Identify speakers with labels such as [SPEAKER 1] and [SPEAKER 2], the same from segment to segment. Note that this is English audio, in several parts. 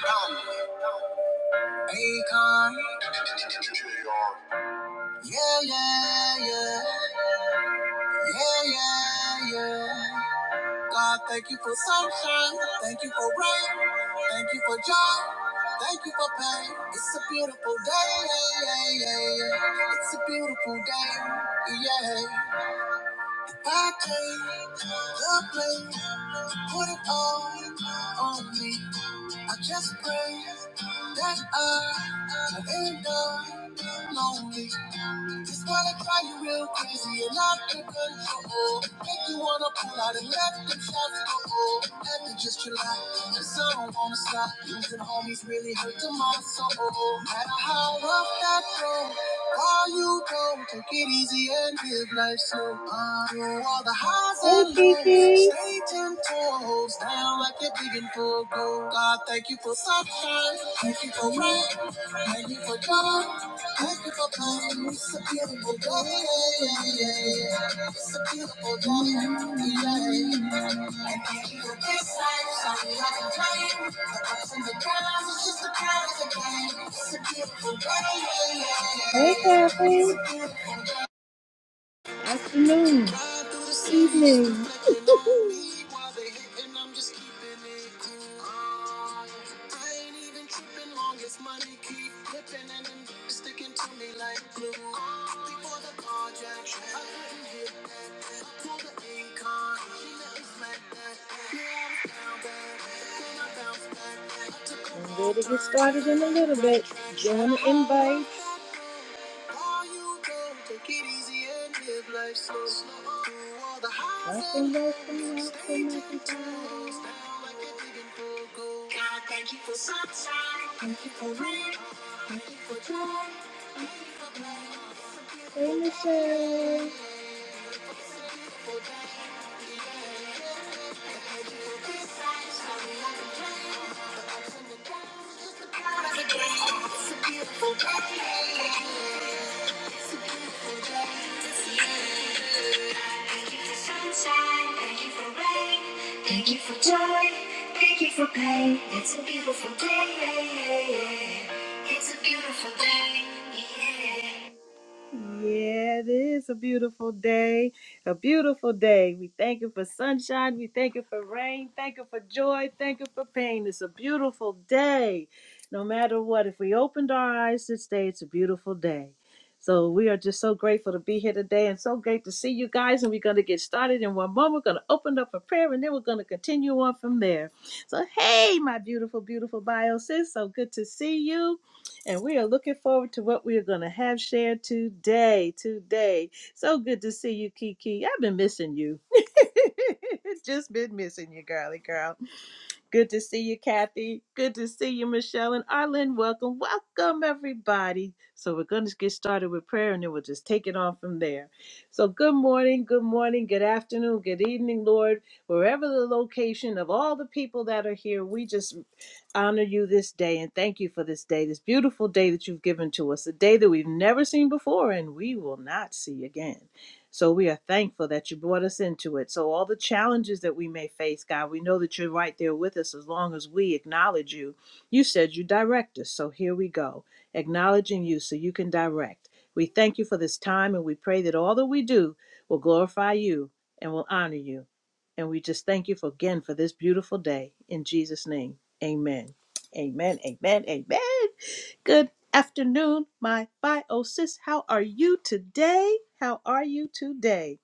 [SPEAKER 1] Akon. Yeah, yeah, yeah. Yeah, yeah, yeah. God, thank you for sunshine. Thank you for rain. Thank you for joy. Thank you for pain. It's a beautiful day. Yeah, yeah, yeah. yeah. It's a beautiful day. Yeah. I can't help it, put it all on me. I just pray that I don't end up lonely. This kind of cry you real crazy and not in control. Make you wanna pull out and let them shots go. Had to just relax, cause I don't wanna stop. Losing homies really hurt to my soul. No Matter how rough that go, all you go, take it easy and live life slow. Hey, Kiki. like God, thank you for sunshine. Thank you for rain. Thank you for joy. Thank you for pain. It's a beautiful day. It's a beautiful day. And thank you for this life. Sorry, I complain. The ups and the downs, it's just a part of the game. It's a beautiful day. Hey, Kathy afternoon, evening. I'm ready to get started in a little bit. Join the invite. All you can take it easy and live life slow. Through all the highs and lows, stay ten toes down like you're digging for gold. God, thank you for sunshine. Thank you for rain. Hey, Michelle. Another It's a beautiful day. Thank you for sunshine. Thank you for rain. Thank you for joy. Thank you for pain. It's a beautiful day. yeah, yeah, yeah. It's a beautiful day. Yeah. Yeah, it is a beautiful day. A beautiful day. We thank you for sunshine. We thank you for rain. Thank you for joy. Thank you for pain. It's a beautiful day. No matter what, if we opened our eyes this day, it's a beautiful day. So we are just so grateful to be here today and so great to see you guys. And we're going to get started in one moment. We're going to open up a prayer and then we're going to continue on from there. So, hey, my beautiful, beautiful bio sis. So good to see you. And we are looking forward to what we are going to have shared today. Today. So good to see you, Kiki. I've been missing you. Just been missing you, girly girl. Good to see you, Kathy. Good to see you, Michelle. And Arlen, welcome. Welcome, everybody. So we're going to get started with prayer and then we'll just take it on from there. So good morning, good morning, good afternoon, good evening, Lord. Wherever the location of all the people that are here, we just honor you this day and thank you for this day, this beautiful day that you've given to us, a day that we've never seen before and we will not see again. So we are thankful that you brought us into it. So, all the challenges that we may face, God, we know that you're right there with us as long as we acknowledge you. You said you direct us. So, here we go, acknowledging you so you can direct. We thank you for this time and we pray that all that we do will glorify you and will honor you. And we just thank you for, again for this beautiful day in Jesus' name. Amen. Amen. Amen. Amen. Good afternoon, my bio sis. How are you today? How are you today?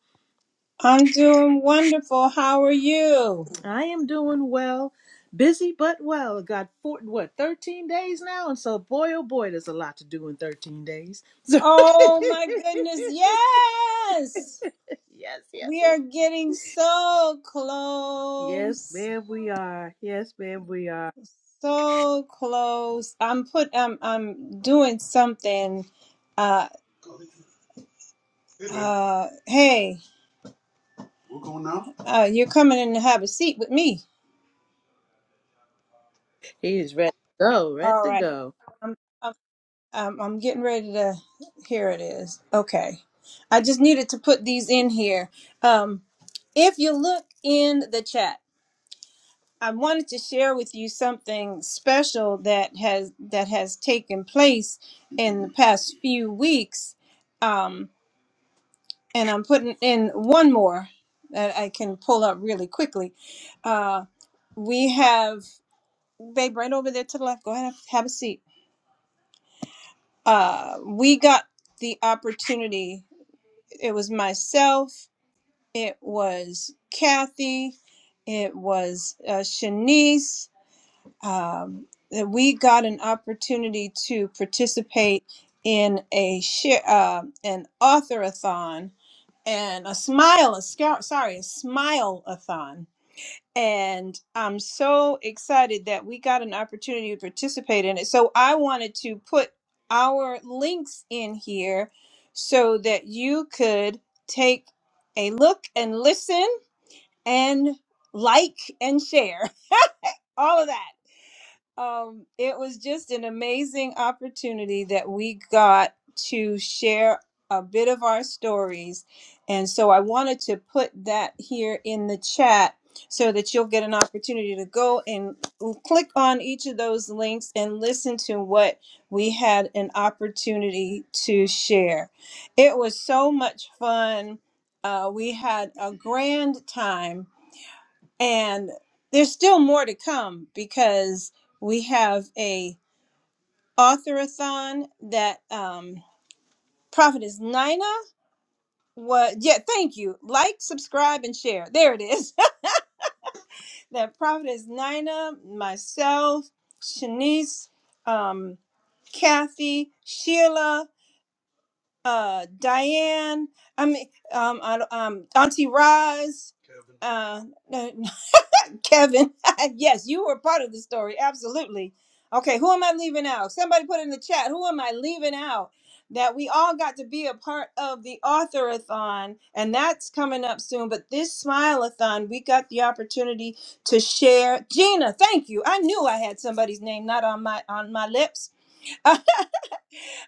[SPEAKER 2] I'm doing wonderful. How are you?
[SPEAKER 1] I am doing well. Busy but well. Got four, what, 13 days now? And so boy oh boy, there's a lot to do in 13 days. So
[SPEAKER 2] Oh my goodness. Yes.
[SPEAKER 1] yes, yes,
[SPEAKER 2] We
[SPEAKER 1] yes.
[SPEAKER 2] are getting so
[SPEAKER 1] Yes,
[SPEAKER 2] close.
[SPEAKER 1] ma'am, we are. Yes, ma'am, we are.
[SPEAKER 2] So close. I'm put I'm I'm doing something uh uh hey. We're going now? Uh you're coming in to have a seat with me.
[SPEAKER 1] He is ready to go, ready
[SPEAKER 2] All
[SPEAKER 1] to
[SPEAKER 2] right.
[SPEAKER 1] go.
[SPEAKER 2] Um, I'm getting ready to. Here it is. Okay. I just needed to put these in here. Um, if you look in the chat, I wanted to share with you something special that has that has taken place in the past few weeks. Um, and I'm putting in one more that I can pull up really quickly. Uh, we have babe right over there to the left. Go ahead, have a seat. Uh, we got the opportunity it was myself, it was Kathy, it was uh, Shanice, um, that we got an opportunity to participate in a share, uh, an authorathon and a smile, a scout, sorry, a smile-a-thon and I'm so excited that we got an opportunity to participate in it. So I wanted to put our links in here so that you could take a look and listen and like and share all of that. Um, it was just an amazing opportunity that we got to share a bit of our stories. And so I wanted to put that here in the chat so that you'll get an opportunity to go and click on each of those links and listen to what we had an opportunity to share. It was so much fun. Uh, we had a grand time and there's still more to come because we have a authorathon that um prophetess nina was yeah thank you like subscribe and share there it is that prophetess nina myself shanice um kathy sheila uh diane i mean um, I- um auntie roz Kevin. Uh, Kevin, yes, you were part of the story. Absolutely. Okay, who am I leaving out? Somebody put in the chat, who am I leaving out? That we all got to be a part of the authorathon, and that's coming up soon. But this smileathon, we got the opportunity to share. Gina, thank you. I knew I had somebody's name not on my on my lips.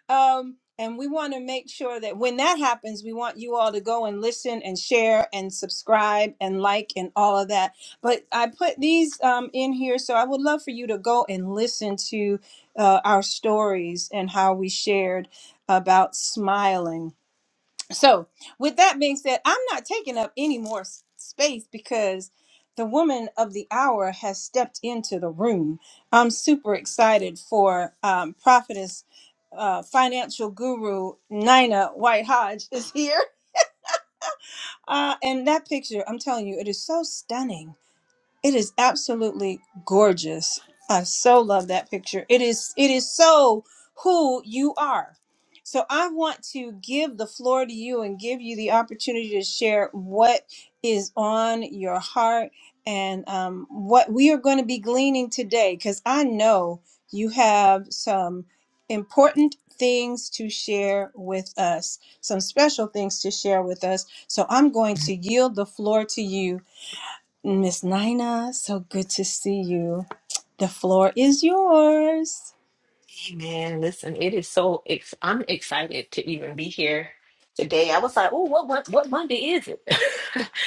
[SPEAKER 2] um, and we want to make sure that when that happens, we want you all to go and listen and share and subscribe and like and all of that. But I put these um, in here, so I would love for you to go and listen to uh, our stories and how we shared about smiling so, with that being said, I'm not taking up any more s- space because the woman of the hour has stepped into the room. I'm super excited for um, prophetess, uh, financial guru Nina White Hodge is here, uh, and that picture, I'm telling you, it is so stunning it is absolutely gorgeous. I so love that picture. It is it is so who you are. So I want to give the floor to you and give you the opportunity to share what is on your heart and um, what we are going to be gleaning today because I know you have some important things to share with us, some special things to share with us. So I'm going to yield the floor to you Miss Nina, so good to see you. The floor is yours.
[SPEAKER 3] Hey, Man, listen, it is so ex I'm excited to even be here today. I was like, oh, what, what what Monday is it?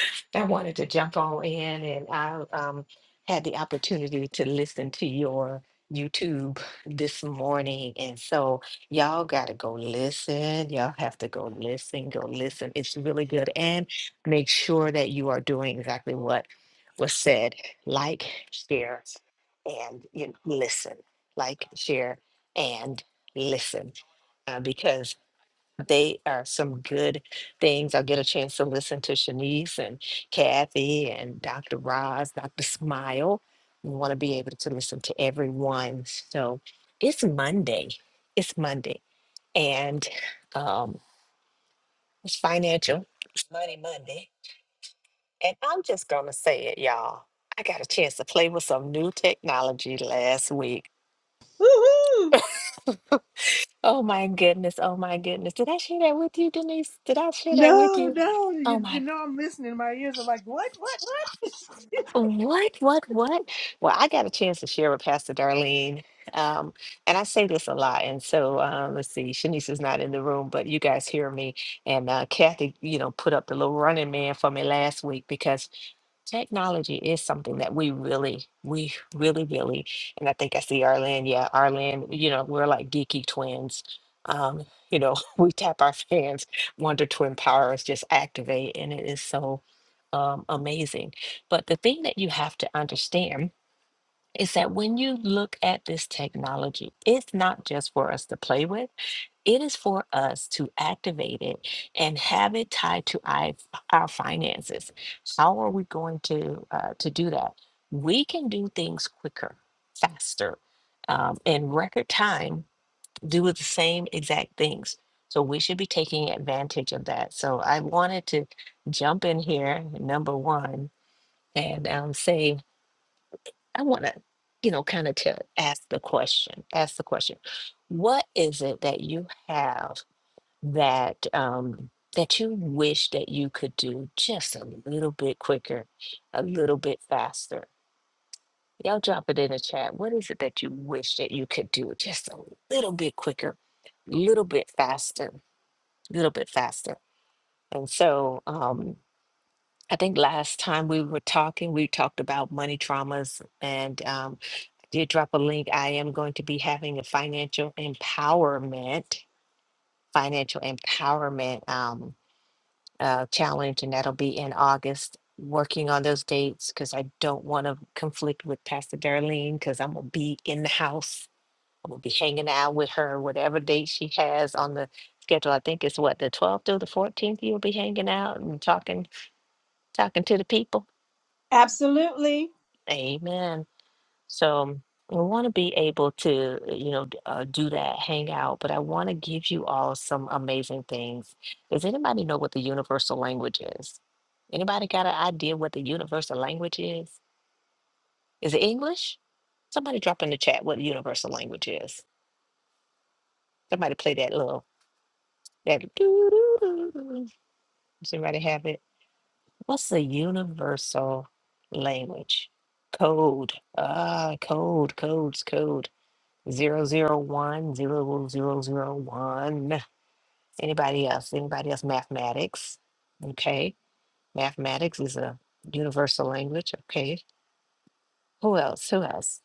[SPEAKER 3] I wanted to jump on in and I um had the opportunity to listen to your YouTube this morning. And so y'all gotta go listen. Y'all have to go listen, go listen. It's really good. And make sure that you are doing exactly what was said. Like, share, and you know, listen. Like, share and listen uh, because they are some good things. I'll get a chance to listen to Shanice and Kathy and Dr. Roz, Dr. Smile. We want to be able to listen to everyone. So it's Monday. It's Monday. And um, it's financial. It's Money Monday. And I'm just going to say it, y'all. I got a chance to play with some new technology last week
[SPEAKER 1] Woohoo!
[SPEAKER 3] Oh my goodness. Oh my goodness. Did I share that with you, Denise? Did I share that with
[SPEAKER 1] No,
[SPEAKER 3] you?
[SPEAKER 1] no,
[SPEAKER 3] Oh
[SPEAKER 1] you, you
[SPEAKER 3] my,
[SPEAKER 1] know I'm listening. My ears are like, what, what, what?
[SPEAKER 3] what, what, what? Well, I got a chance to share with Pastor Darlene. Um, and I say this a lot. And so, um, let's see, Shanice is not in the room, but you guys hear me. And uh, Kathy, you know, put up the little running man for me last week because Technology is something that we really, we really, really, and I think I see Arlen. Yeah, Arlen, you know, we're like geeky twins. Um, you know, we tap our fans, Wonder Twin powers just activate, and it is so um, amazing. But the thing that you have to understand is that when you look at this technology, it's not just for us to play with. It is for us to activate it and have it tied to our, our finances. How are we going to uh, to do that? We can do things quicker, faster, um, in record time. Do the same exact things. So we should be taking advantage of that. So I wanted to jump in here, number one, and um, say I want to, you know, kind of to ask the question. Ask the question. What is it that you have? that um, that you wish that you could do just a little bit quicker, a little bit faster? Y'all drop it in the chat. What is it that you wish that you could do just a little bit quicker, little bit faster, little bit faster? And so um, I think last time we were talking, we talked about money traumas, and um, did drop a link. I am going to be having a financial empowerment, financial empowerment. um, uh, challenge, and that'll be in August. Working on those dates because I don't want to conflict with Pastor Darlene because I'm gonna be in the house. I'm gonna be hanging out with her, whatever date she has on the schedule. I think it's what the 12th through the 14th. You'll be hanging out and talking, talking to the people.
[SPEAKER 2] Absolutely.
[SPEAKER 3] Amen. So I want to be able to, uh, you know, d- uh, do that, hang out, but I want to give you all some amazing things. Does anybody know what the universal language is? Anybody got an idea what the universal language is? Is it English? Somebody drop in the chat what the universal language is. Somebody play that little that doo-doo-doo-doo. Does anybody have it? What's the universal language? Code. Ah, code, codes, code. Zero zero one zero zero zero one. Anybody else? Anybody else? Mathematics. Okay. Mathematics is a universal language. Okay. Who else? Who else?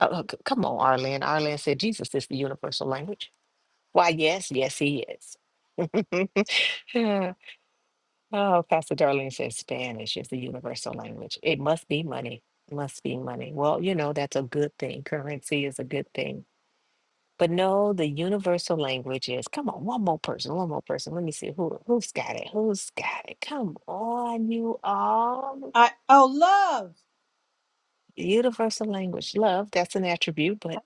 [SPEAKER 3] Oh, oh, c- come on, Arlen. Arlen said Jesus is the universal language. Why, yes, yes, he is. Yeah. oh, Pastor Darlene says Spanish is the universal language. It must be money. Must be money. Well, you know, that's a good thing. Currency is a good thing But no, the universal language is come on, one more person, one more person. Let me see who who's got it. Who's got it? Come on, you all.
[SPEAKER 2] I oh love.
[SPEAKER 3] Universal language, love. That's an attribute, but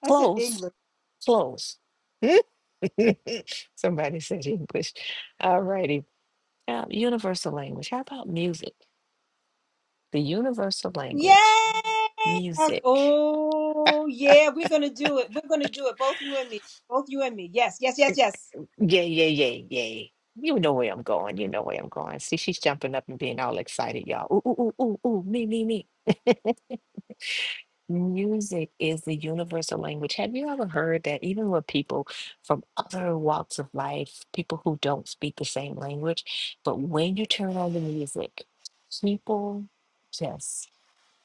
[SPEAKER 2] That's in
[SPEAKER 3] close,
[SPEAKER 2] English.
[SPEAKER 3] close. Somebody said English. All righty. universal language. How about music? The universal
[SPEAKER 2] Yay!
[SPEAKER 3] language,
[SPEAKER 2] Ac-
[SPEAKER 3] music.
[SPEAKER 2] Oh yeah, we're gonna do it. We're gonna do it. Both you and me. Both you and me. Yes, yes, yes, yes.
[SPEAKER 3] Yeah, yeah, yeah, yeah. You know where I'm going. You know where I'm going. See, she's jumping up and being all excited, y'all. Ooh, ooh, ooh, ooh, ooh, me, me, me. Music is the universal language. Have you ever heard that even with people from other walks of life, people who don't speak the same language, but when you turn on the music, people just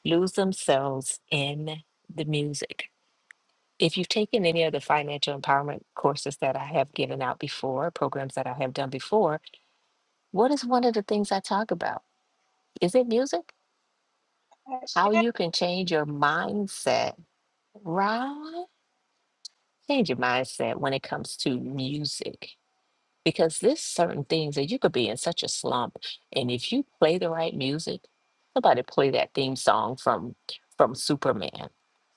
[SPEAKER 3] lose themselves in the music. If you've taken any of the financial empowerment courses that I have given out before, programs that I have done before, what is one of the things I talk about? Is it music?
[SPEAKER 2] Uh,
[SPEAKER 3] How
[SPEAKER 2] yeah.
[SPEAKER 3] you can change your mindset, right? Change your mindset when it comes to music. Because there's certain things that you could be in such a slump. And if you play the right music, somebody play that theme song from from Superman.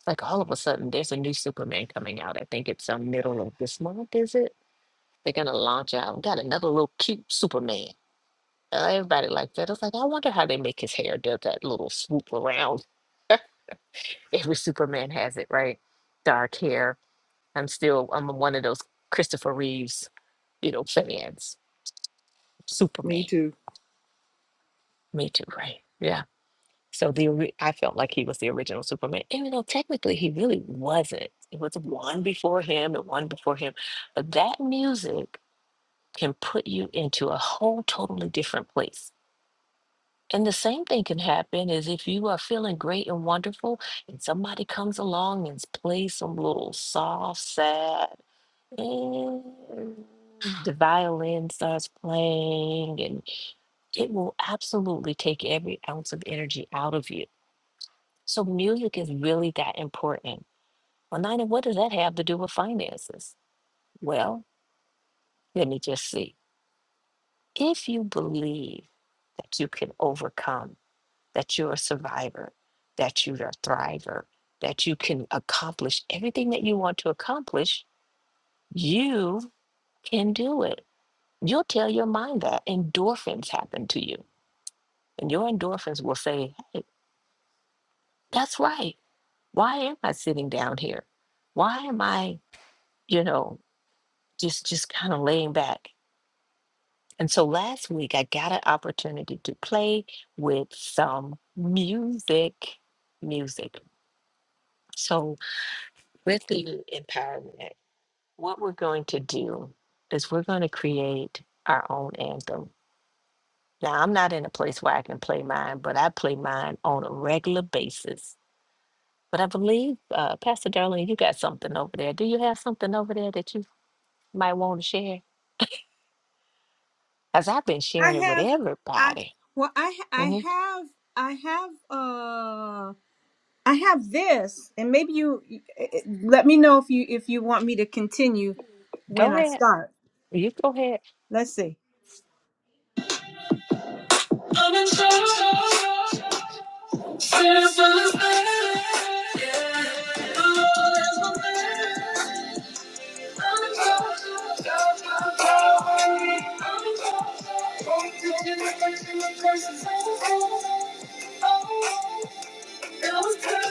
[SPEAKER 3] Like all of a sudden there's a new Superman coming out. I think it's the middle of this month, is it? They're gonna launch out. Got another little cute Superman. Uh, Everybody like that. I was like, I wonder how they make his hair do that little swoop around. Every Superman has it, right? Dark hair. I'm still, I'm one of those Christopher Reeves, you know, fans.
[SPEAKER 1] Me
[SPEAKER 3] Superman.
[SPEAKER 1] too.
[SPEAKER 3] Me too, right? Yeah. So the ori- I felt like he was the original Superman, even though technically he really wasn't. It was one before him and one before him. But that music can put you into a whole totally different place And the same thing can happen is if you are feeling great and wonderful, and somebody comes along and plays some little soft, sad, and the violin starts playing, and it will absolutely take every ounce of energy out of you. So music is really that important. Well, Nina, what does that have to do with finances? Well, let me just see. If you believe that you can overcome. that you're a survivor, that you're a thriver, that you can accomplish everything that you want to accomplish. You can do it. You'll tell your mind that endorphins happen to you, and your endorphins will say, hey, that's right. Why am I sitting down here? Why am I, you know, just just kind of laying back? And so last week I got an opportunity to play with some music, music. So with the empowerment. what we're going to do is we're going to create our own anthem. Now, I'm not in a place where I can play mine, but I play mine on a regular basis. But I believe, uh, Pastor Darlene, you got something over there. Do you have something over there that you might want to share? Because I've been
[SPEAKER 2] I
[SPEAKER 3] sharing it with
[SPEAKER 2] have I
[SPEAKER 3] everybody.
[SPEAKER 2] well I I
[SPEAKER 3] hmm
[SPEAKER 2] have I have uh I have this and maybe you eh, eh, let me know if you if you want me to continue when
[SPEAKER 3] Go
[SPEAKER 2] I
[SPEAKER 3] ahead.
[SPEAKER 2] start.
[SPEAKER 3] You go ahead.
[SPEAKER 2] Let's see. I'm in trouble. Since I was there, the Lord has been there. I'm in trouble. God, God, God. I'm in trouble. Going through the curse and the curse is over. Oh, it was good.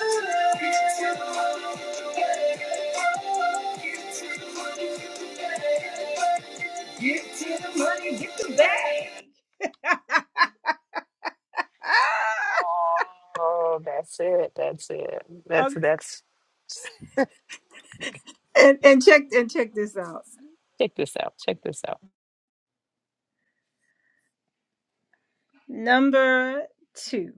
[SPEAKER 2] Give it to the Lord. Give it to the Lord. Give it to the Lord. Give it to the Lord. Give it to the Lord. Give it to the Lord. Give it to the Lord. Give it to the Lord.
[SPEAKER 3] Oh, that's it. That's it. That's, that's,
[SPEAKER 2] and, and check and check this out.
[SPEAKER 3] check this out. Check this out.
[SPEAKER 2] Number two.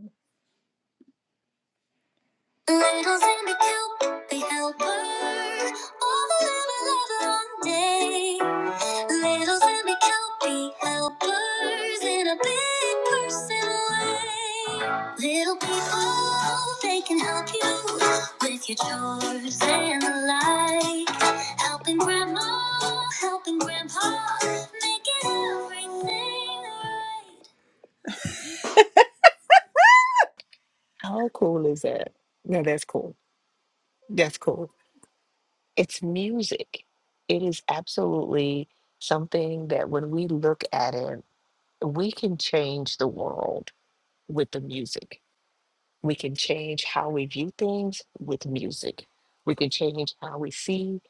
[SPEAKER 2] Needles in the cube, they help her all a long day. Littles in the cube, be helpers in a big person way. Little people, they can help you with your chores and the like. Helping grandma, helping grandpa, making everything right.
[SPEAKER 3] How cool is that? No, that's cool. That's cool. it's music. It is absolutely something that when we look at it, we can change the world with the music. We can change how we view things with music. We can change how we see,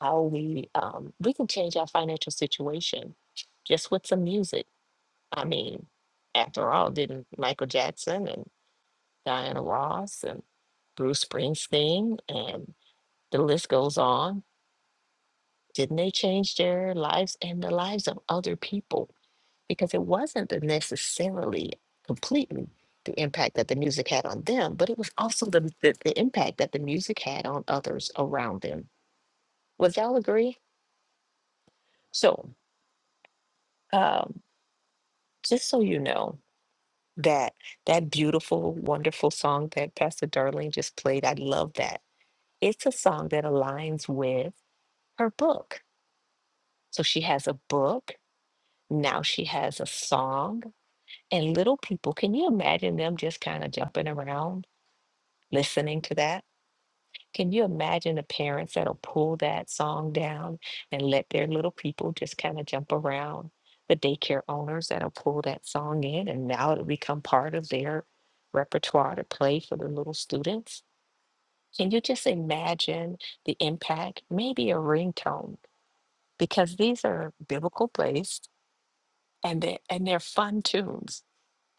[SPEAKER 3] how we, um, we can change our financial situation just with some music. I mean, after all, didn't Michael Jackson and Diana Ross and Bruce Springsteen and the list goes on Didn't they change their lives and the lives of other people? Because it wasn't the necessarily completely the impact that the music had on them, but it was also the, the, the impact that the music had on others around them. Would y'all agree? So, um, just so you know, that that beautiful, wonderful song that Pastor Darlene just played, I love that. It's a song that aligns with her book. So she has a book. Now she has a song And little people, can you imagine them just kind of jumping around listening to that? Can you imagine the parents that'll pull that song down and let their little people just kind of jump around? The daycare owners that'll pull that song in and now it'll become part of their repertoire to play for the little students. Can you just imagine the impact? Maybe a ringtone, because these are biblical based and they and they're fun tunes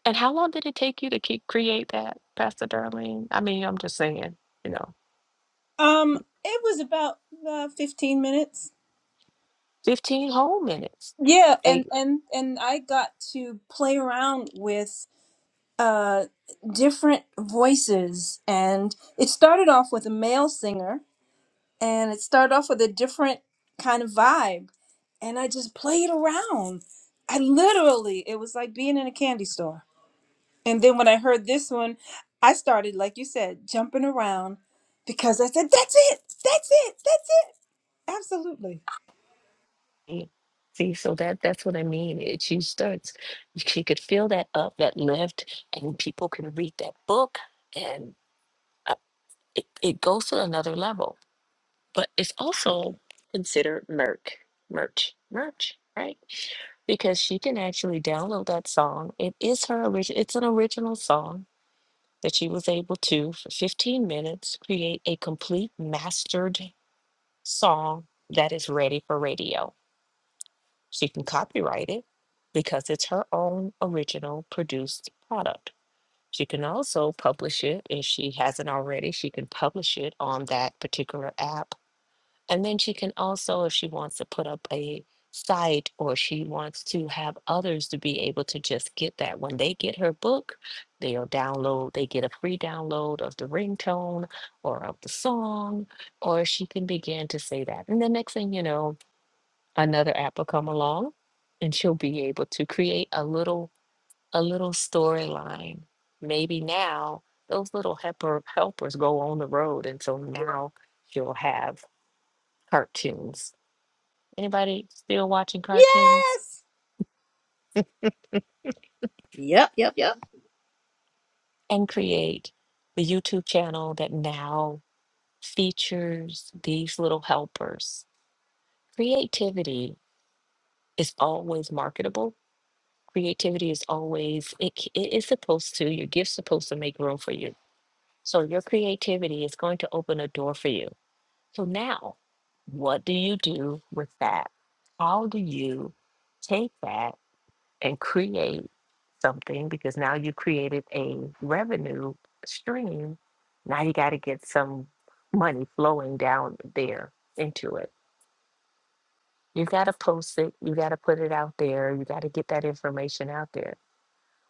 [SPEAKER 3] And how long did it take you to keep, create that, Pastor Darlene? I mean, I'm just saying, you know,
[SPEAKER 2] Um, it was about uh, 15 minutes.
[SPEAKER 3] 15 whole minutes.
[SPEAKER 2] Yeah, and
[SPEAKER 3] Eight.
[SPEAKER 2] and and I got to play around with uh different voices and it started off with a male singer and it started off with a different kind of vibe and I just played around. I literally it was like being in a candy store. And then when I heard this one, I started like you said, jumping around because I said that's it. That's it. That's it. Absolutely.
[SPEAKER 3] See, so that that's what I mean. It, she starts, she could fill that up, that lift, and people can read that book, and uh, it, it goes to another level. But it's also considered merch, merch, merch, right? Because she can actually download that song. It is her original. It's an original song that she was able to, for 15 minutes, create a complete mastered song that is ready for radio. She can copyright it because it's her own original produced product. She can also publish it if she hasn't already. She can publish it on that particular app and then she can also, if she wants to put up a site or she wants to have others to be able to just get that. When they get her book, they'll download, they get a free download of the ringtone or of the song, or she can begin to say that. And the next thing you know, another app will come along and she'll be able to create a little a little storyline. Maybe now those little helper helpers go on the road and so now she'll have cartoons Anybody still watching cartoons?
[SPEAKER 2] Yes.
[SPEAKER 1] Yep, yep, yep.
[SPEAKER 3] And create the YouTube channel that now features these little helpers. Creativity is always marketable. Creativity is always, it, c- it is supposed to, your gift's supposed to make room for you. So your creativity is going to open a door for you. So now, what do you do with that? How do you take that? and create something because now you created a revenue stream. Now you got to get some money flowing down there into it. You got to post it. You got to put it out there. You got to get that information out there.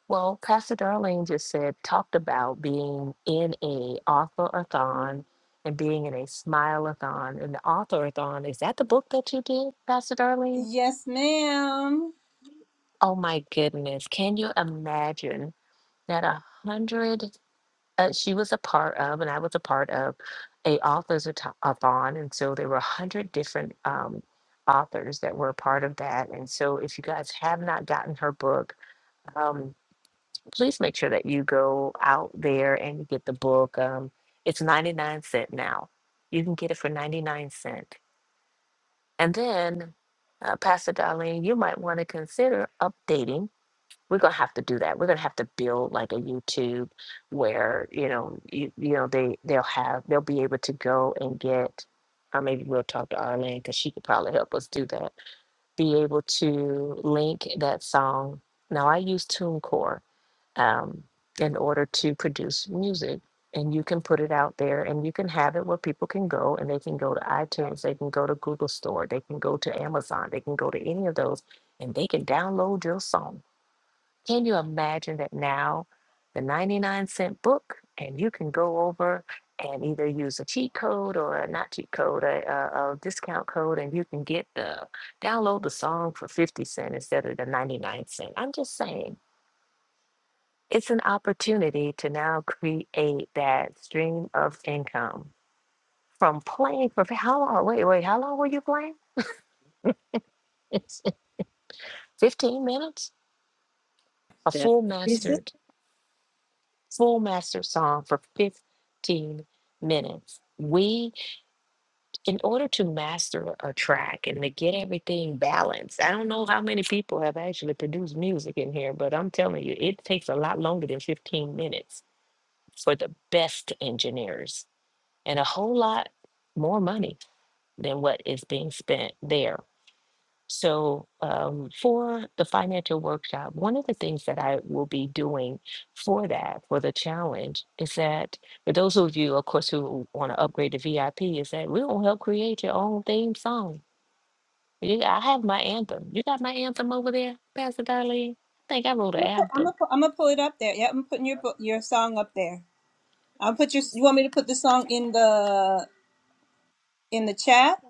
[SPEAKER 3] Well, Pastor Darlene just said, talked about being in a author-a-thon and being in a smile-a-thon. And the author-a-thon, is that the book that you did, Pastor Darlene?
[SPEAKER 2] Yes, ma'am.
[SPEAKER 3] Oh my goodness. Can you imagine that a 100? uh, she was a part of, and I was a part of, a authors authon, and so there were a hundred different um, authors that were a part of that. And so, if you guys have not gotten her book, um, please make sure that you go out there and you get the book. Um, it's ninety nine cent now. You can get it for ninety nine cent, and then. Uh, Pastor Darlene, you might want to consider updating we're gonna have to do that. We're gonna have to build like a YouTube where you know you, you know they they'll have they'll be able to go and get or maybe we'll talk to Arlene because she could probably help us do that. Be able to link that song. Now I use TuneCore um, in order to produce music. And you can put it out there and you can have it where people can go and they can go to iTunes, they can go to Google Store, they can go to Amazon, they can go to any of those and they can download your song can you imagine that now the 99 cent book and you can go over and either use a cheat code or a not cheat code, a, a, a discount code, and you can get the download the song for 50 cent instead of the 99 cent. I'm just saying it's an opportunity to now create that stream of income from playing for how long? Wait, wait, how long were you playing? It's 15 minutes? A full
[SPEAKER 1] That.
[SPEAKER 3] master full master song for 15 minutes. We, in order to master a track and to get everything balanced, I don't know how many people have actually produced music in here, but I'm telling you, it takes a lot longer than 15 minutes for the best engineers and a whole lot more money than what is being spent there so, um, for the financial workshop, one of the things that I will be doing for that, for the challenge, is that for those of you, of course, who want to upgrade to VIP, is that we're going to help create your own theme song. You, I have my anthem. You got my anthem over there, Pastor Darlene? I think I wrote
[SPEAKER 2] I'm
[SPEAKER 3] an
[SPEAKER 2] gonna put, I'm
[SPEAKER 3] anthem.
[SPEAKER 2] gonna put, I'm gonna pull it up there. Yeah, I'm putting your book, your song up there. I'll put your. You want me to put the song in the in the chat?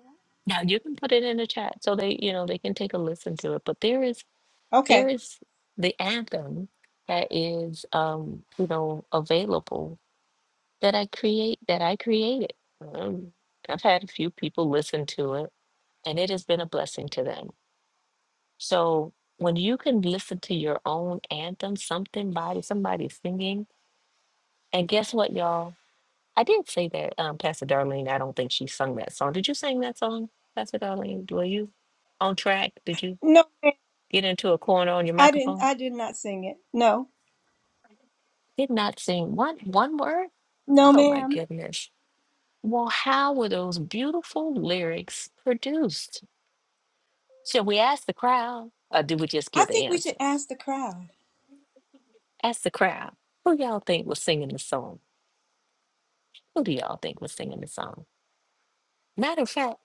[SPEAKER 3] Now you can put it in the chat so they, you know, they can take a listen to it. But there is, there
[SPEAKER 2] Okay.
[SPEAKER 3] is the anthem that is, um, you know, available that I create that I created. Um, I've had a few people listen to it, and it has been a blessing to them. So when you can listen to your own anthem, something by somebody singing, and guess what, y'all? I did say that, um, Pastor Darlene. I don't think she sung that song. Did you sing that song, Pastor Darlene? Were you on track? Did you
[SPEAKER 2] No, ma'am.
[SPEAKER 3] get into a corner on your
[SPEAKER 2] I didn't.
[SPEAKER 3] microphone?
[SPEAKER 2] I did not sing it. No,
[SPEAKER 3] Did not sing one one word.
[SPEAKER 2] no,
[SPEAKER 3] Oh my
[SPEAKER 2] ma'am.
[SPEAKER 3] goodness. Well, how were those beautiful lyrics produced? Should we ask the crowd or do we just
[SPEAKER 2] I
[SPEAKER 3] give the
[SPEAKER 2] think we should
[SPEAKER 3] answer?
[SPEAKER 2] ask the crowd.
[SPEAKER 3] Ask the crowd. Who y'all think was singing the song? Who do y'all think was singing the song? Matter of fact,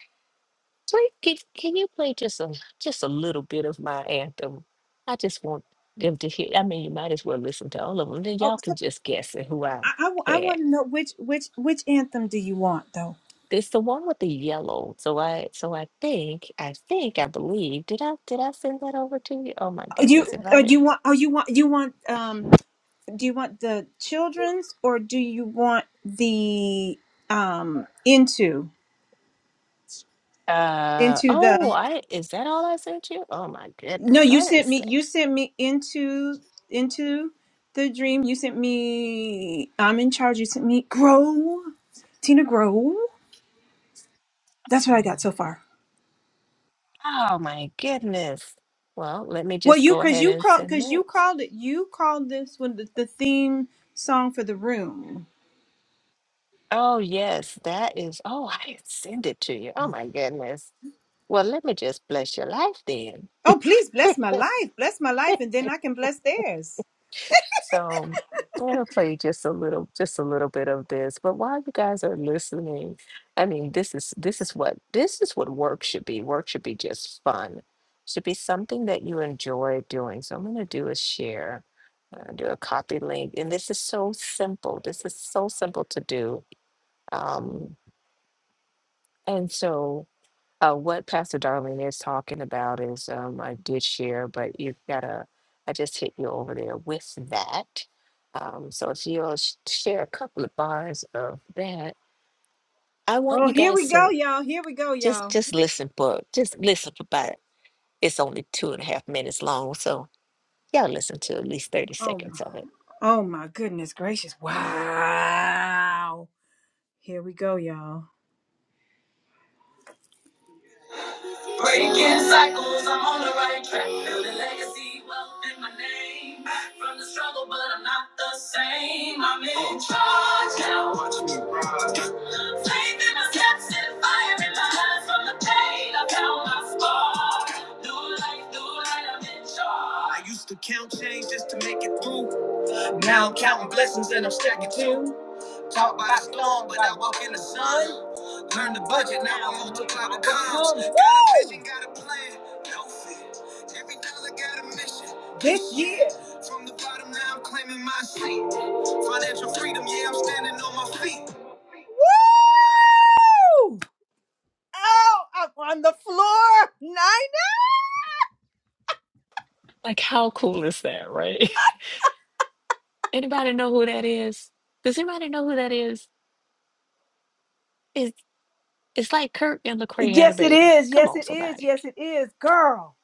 [SPEAKER 3] play, can, can you play just a just a little bit of my anthem? I just want them to hear. I mean, you might as well listen to all of them. Then
[SPEAKER 2] Oh,
[SPEAKER 3] y'all
[SPEAKER 2] so
[SPEAKER 3] can just guess at who I
[SPEAKER 2] I, I,
[SPEAKER 3] had.
[SPEAKER 2] want to know which which which anthem do you want though?
[SPEAKER 3] It's the one with the yellow. So I so I think I think I believe. Did I did I send that over to you? Oh my
[SPEAKER 2] Oh, You
[SPEAKER 3] goodness! If
[SPEAKER 2] uh,
[SPEAKER 3] I did.
[SPEAKER 2] you want oh you want you want um do you want the children's or do you want the um into?
[SPEAKER 3] Uh
[SPEAKER 2] into
[SPEAKER 3] oh,
[SPEAKER 2] the
[SPEAKER 3] I is that all I sent you? Oh my
[SPEAKER 2] no
[SPEAKER 3] goodness,
[SPEAKER 2] you
[SPEAKER 3] I didn't
[SPEAKER 2] sent me
[SPEAKER 3] say.
[SPEAKER 2] you sent me into into the dream you sent me i'm in charge you sent me grow tina grow that's what i got so far
[SPEAKER 3] Oh my goodness. Well, let me
[SPEAKER 2] well
[SPEAKER 3] just
[SPEAKER 2] you
[SPEAKER 3] go
[SPEAKER 2] because
[SPEAKER 3] ahead
[SPEAKER 2] you
[SPEAKER 3] and
[SPEAKER 2] called
[SPEAKER 3] send
[SPEAKER 2] because you
[SPEAKER 3] this.
[SPEAKER 2] called it you called this one the, the theme song for the room
[SPEAKER 3] Oh yes, that is. Oh, I didn't send it to you. Oh my goodness. Well, let me just bless your life then.
[SPEAKER 2] oh please bless my life bless my life and then i can bless theirs
[SPEAKER 3] So I'm gonna play just a little, just a little bit of this. But while you guys are listening, I mean, this is this is what this is what work should be. Work should be just fun. Should be something that you enjoy doing. So I'm gonna do a share, uh, do a copy link, and this is so simple. This is so simple to do. Um, and so. Uh, what Pastor Darlene is talking about is um, I did share, but you've got to, I just hit you over there with that. Um, so if you'll sh- share a couple of bars of that, I want
[SPEAKER 2] oh
[SPEAKER 3] you
[SPEAKER 2] here we
[SPEAKER 3] guys
[SPEAKER 2] go
[SPEAKER 3] to
[SPEAKER 2] y'all here we go
[SPEAKER 3] just
[SPEAKER 2] y'all
[SPEAKER 3] just listen for just listen for about it's only two and a half minutes long, so y'all listen to at least thirty
[SPEAKER 2] oh my
[SPEAKER 3] seconds of it.
[SPEAKER 2] oh my goodness gracious wow here we go y'all not the same. I'm in charge now. Faith in my steps and fire in my eyes from the pain of how I do life, but I'm in charge. I used to count change just to make it through. Now I'm counting blessings and I'm stacking too. Taught by the storm, but I walk in the sun. Learn the budget, now I multiply what comes. Got a vision, got a plan, no fear. Every dollar got a mission. This year, from the bottom, now I'm claiming my seat. Financial freedom, yeah, I'm standing on my feet. Woo! Oh, I'm on the floor. Nina?
[SPEAKER 3] Like how cool is that, right? anybody know who that is? Does anybody know who that is? It's it's like Kirk and Lecrae had a
[SPEAKER 2] Yes, it
[SPEAKER 3] baby.
[SPEAKER 2] is.
[SPEAKER 3] Come
[SPEAKER 2] Yes,
[SPEAKER 3] on,
[SPEAKER 2] it is.
[SPEAKER 3] somebody.
[SPEAKER 2] Yes, it is. Girl.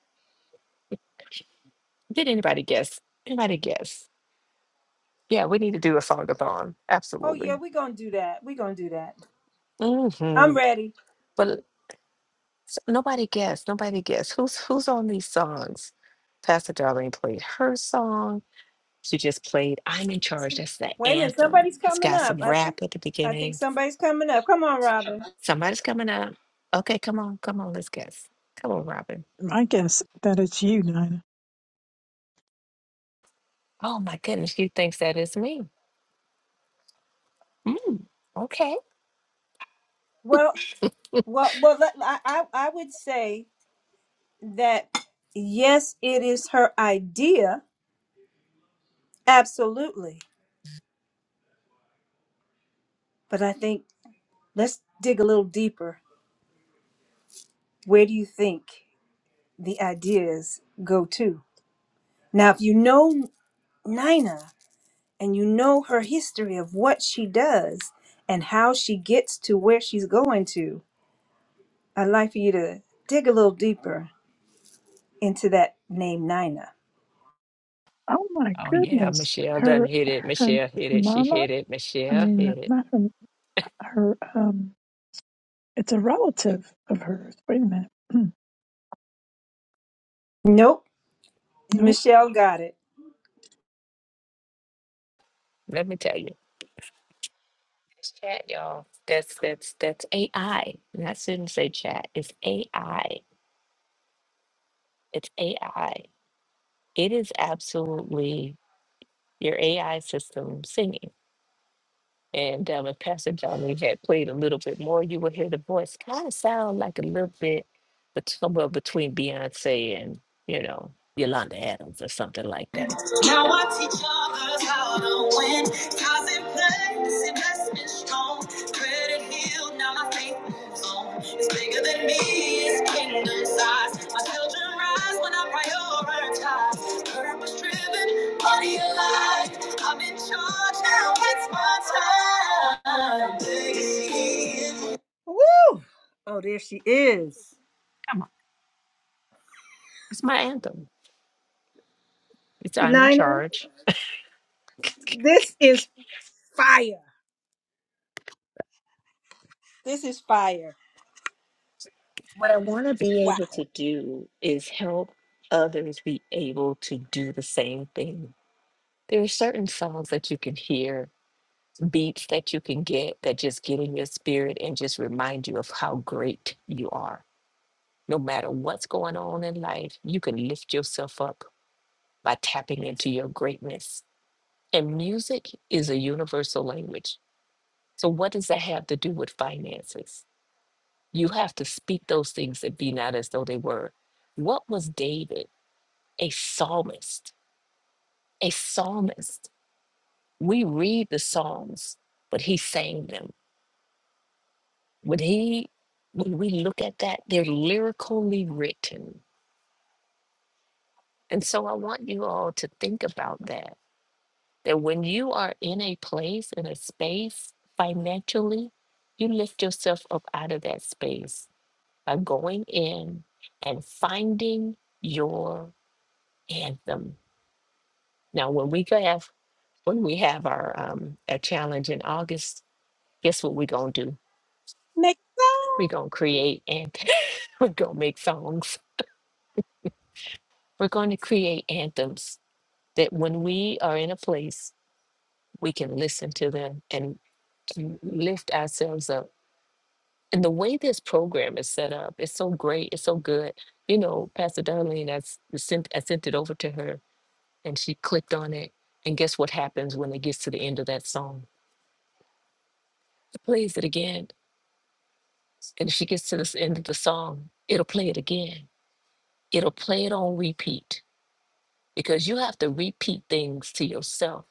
[SPEAKER 3] Did anybody guess? Anybody guess? Yeah, we need to do a song-a-thon.
[SPEAKER 2] Oh, yeah,
[SPEAKER 3] Absolutely.
[SPEAKER 2] we're going to do that. We're going to do that. I'm
[SPEAKER 3] hmm
[SPEAKER 2] ready.
[SPEAKER 3] But l- s- nobody guessed. Nobody guessed. Who's who's on these songs? Pastor Darlene played her song. She just played "I'm in Charge." That's the
[SPEAKER 2] Wait a minute.
[SPEAKER 3] anthem.
[SPEAKER 2] Somebody's
[SPEAKER 3] It's
[SPEAKER 2] coming
[SPEAKER 3] got some
[SPEAKER 2] up. I
[SPEAKER 3] rap
[SPEAKER 2] think
[SPEAKER 3] at the
[SPEAKER 2] I think
[SPEAKER 3] beginning.
[SPEAKER 2] somebody's coming up. Come on, Robin.
[SPEAKER 3] Somebody's coming up. Okay, come on, come on, let's guess. Come on, Robin.
[SPEAKER 4] I guess that it's you, Nina.
[SPEAKER 3] Oh my goodness, you thinks that is me? Mm, okay.
[SPEAKER 2] Well, well, well let- I, I, I would say that yes, it is her idea. Absolutely. But I think let's dig a little deeper. Where do you think? the ideas go to. Now, if you know Nina and you know her history of what she does and how she gets to where she's going to, I'd like for you to dig a little deeper into that name Nina.
[SPEAKER 4] Oh my
[SPEAKER 3] Oh yeah,
[SPEAKER 4] goodness.
[SPEAKER 3] Michelle done
[SPEAKER 4] Her
[SPEAKER 3] hit it.
[SPEAKER 4] her
[SPEAKER 3] Michelle hit it. She
[SPEAKER 4] mama,
[SPEAKER 3] hit it.
[SPEAKER 4] I
[SPEAKER 3] Michelle
[SPEAKER 4] mean
[SPEAKER 3] hit it.
[SPEAKER 4] not her her um it's a relative of hers. Wait a minute.
[SPEAKER 2] Nope,
[SPEAKER 4] no.
[SPEAKER 2] Michelle got it.
[SPEAKER 3] Let me tell you. It's chat, y'all. That's that's that's AI. And I shouldn't say chat. It's AI. It's AI. It is absolutely your AI system singing. And um, if Pastor Johnny had played a little bit more, you would hear the voice kind of sound like a little bit bet- somewhere between Beyonce and, you know, Yolanda Adams or something like that.
[SPEAKER 2] Now watch each other's how to win. Stars in place, investment strong. Credit healed, now my faith moves on. It's bigger than me, it's kingdom size. My children rise when I prioritize. Purpose driven, money alive. I'm in charge now, it's my time.
[SPEAKER 3] It's my anthem. It's I'm in
[SPEAKER 2] Nina,
[SPEAKER 3] charge.
[SPEAKER 2] this is fire. This is fire.
[SPEAKER 3] What I want to be
[SPEAKER 2] Wow.
[SPEAKER 3] able to do is help others be able to do the same thing. There are certain songs that you can hear, beats that you can get that just get in your spirit and just remind you of how great you are. No matter what's going on in life, you can lift yourself up by tapping into your greatness. And music is a universal language. So, what does that have to do with finances? You have to speak those things that be not as though they were. What was David? a psalmist. A psalmist. We read the Psalms, but he sang them. When he when we look at that, they're lyrically written. And so I want you all to think about that. That when you are in a place, in a space financially, you lift yourself up out of that space by going in and finding your anthem. Now when we go have when we have our um a challenge in August, guess what we're gonna do?
[SPEAKER 2] Make
[SPEAKER 3] We're gonna create and we're gonna make songs. We're gonna create anthems that when we are in a place, we can listen to them and to lift ourselves up. And the way this program is set up, it's so great, it's so good. You know, Pastor Darlene, I s- sent I sent it over to her and she clicked on it. And guess what happens when it gets to the end of that song? It plays it again. And if she gets to this end of the song, it'll play it again. It'll play it on repeat because you have to repeat things to yourself.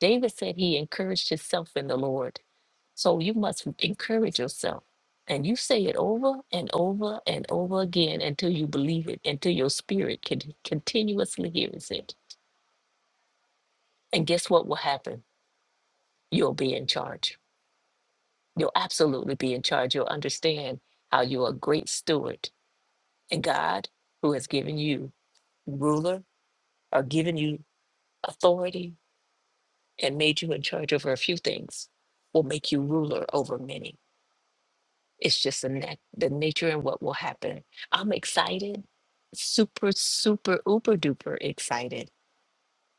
[SPEAKER 3] David said he encouraged himself in the Lord. So you must encourage yourself. And you say it over and over and over again until you believe it, until your spirit can continuously hears it. And guess what will happen? You'll be in charge. You'll absolutely be in charge. You'll understand how you're a great steward. And God, who has given you ruler or given you authority and made you in charge over a few things will make you ruler over many. It's just the, nat- the nature and what will happen. I'm excited, super, super, uber duper excited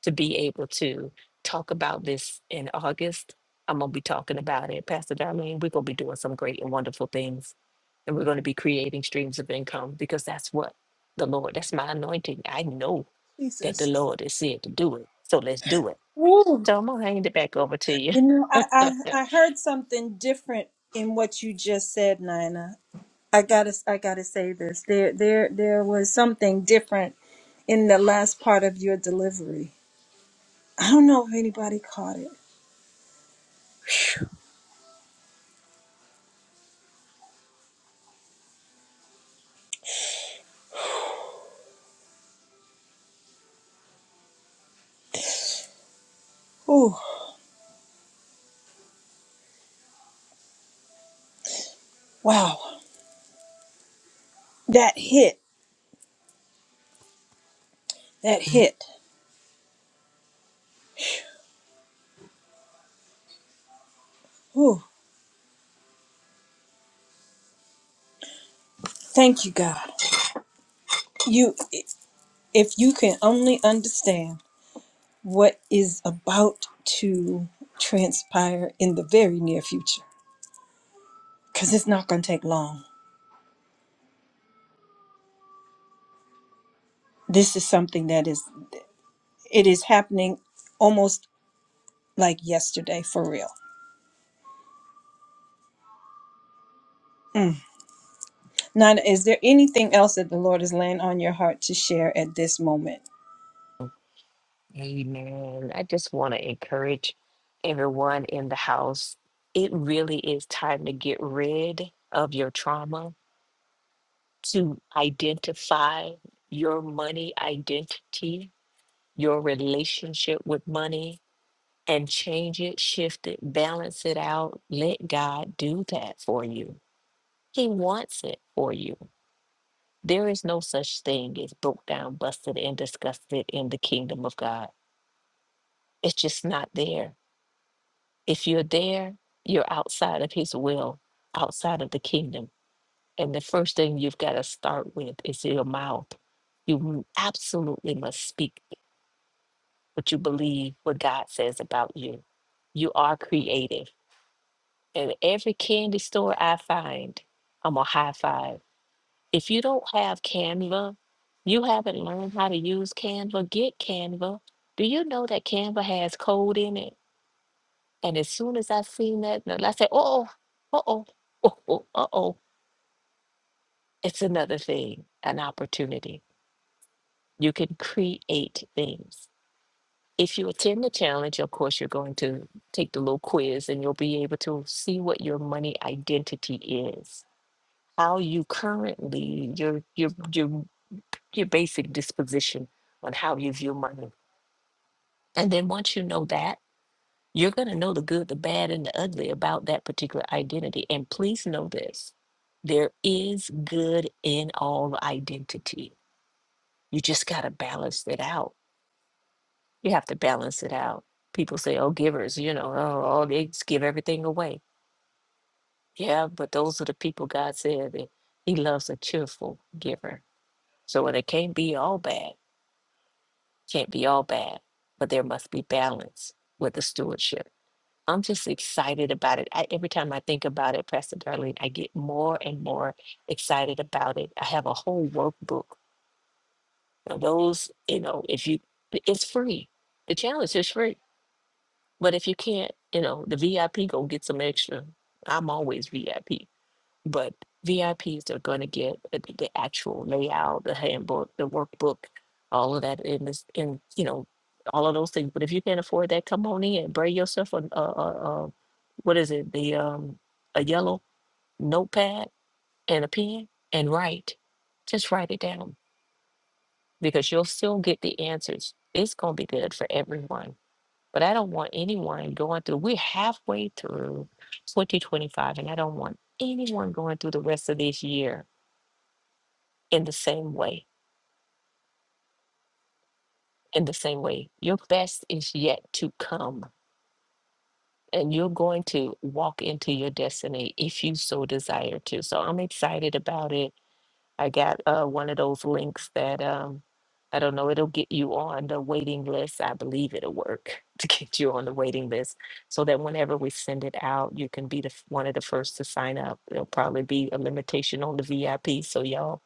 [SPEAKER 3] to be able to talk about this in August. I'm going to be talking about it. Pastor Darlene, we're going to be doing some great and wonderful things. And we're going to be creating streams of income because that's what the Lord, that's my anointing. I know that the
[SPEAKER 2] Jesus.
[SPEAKER 3] Lord is said to do it. So let's do it.
[SPEAKER 2] Woo.
[SPEAKER 3] So I'm going to hand it back over to you.
[SPEAKER 2] You know, I, I I heard something different in what you just said, Nina. I gotta I gotta say this. There there there was something different in the last part of your delivery. I don't know if anybody caught it. Ooh, wow. That hit. That hit. Ooh, thank you, God. You if you can only understand what is about to transpire in the very near future, because it's not gonna take long this is something that is It is happening almost like yesterday for real. Mm. Nana, is there anything else that the Lord is laying on your heart to share at this moment?
[SPEAKER 3] Amen. I just want to encourage everyone in the house. It really is time to get rid of your trauma, to identify your money identity, your relationship with money, and change it, shift it, balance it out. Let God do that for you. He wants it for you. There is no such thing as broke down, busted, and disgusted in the kingdom of God. It's just not there If you're there, you're outside of His will, outside of the kingdom. And the first thing you've got to start with is your mouth. You m- absolutely must speak what you believe, what God says about you. You are creative. And every candy store I find, I'm a high five. If you don't have Canva, you haven't learned how to use Canva, get Canva. Do you know that Canva has code in it? And as soon as I seen that, and I said, oh, uh-oh, uh-oh, uh-oh, it's another thing, an opportunity. You can create things. If you attend the challenge, of course, you're going to take the little quiz and you'll be able to see what your money identity is, how you currently, your, your, your, your basic disposition on how you view money. And then once you know that, You're going to know the good, the bad, and the ugly about that particular identity. And please know this there is good in all identity. You just got to balance it out. You have to balance it out. People say, oh, givers, you know, oh, oh, they just give everything away. Yeah, but those are the people God said that He loves a cheerful giver. So when it can't be all bad, can't be all bad, but there must be balance with the stewardship. I'm just excited about it. I, every time I think about it, Pastor Darlene, I get more and more excited about it. I have a whole workbook. Now those, you know, if you, i- it's free. The challenge is free. But if you can't, you know, the VIP go get some extra. I'm always VIP but VIPs are going to get uh, the the actual layout, the handbook, the workbook, all of that in this, in you know, all of those things. But if you can't afford that, come on in, bring yourself a, a, a, a what is it, the um, a yellow notepad and a pen and write. Just write it down because you'll still get the answers. It's going to be good for everyone. But I don't want anyone going through, we're halfway through 2025, and I don't want anyone going through the rest of this year in the same way. In the same way, your best is yet to come, and you're going to walk into your destiny if you so desire to. So I'm excited about it. I got uh, one of those links that um, I don't know, it'll get you on the waiting list. I believe it'll work to get you on the waiting list so that whenever we send it out, you can be the, f- one of the first to sign up. There'll probably be a limitation on the VIP, so y'all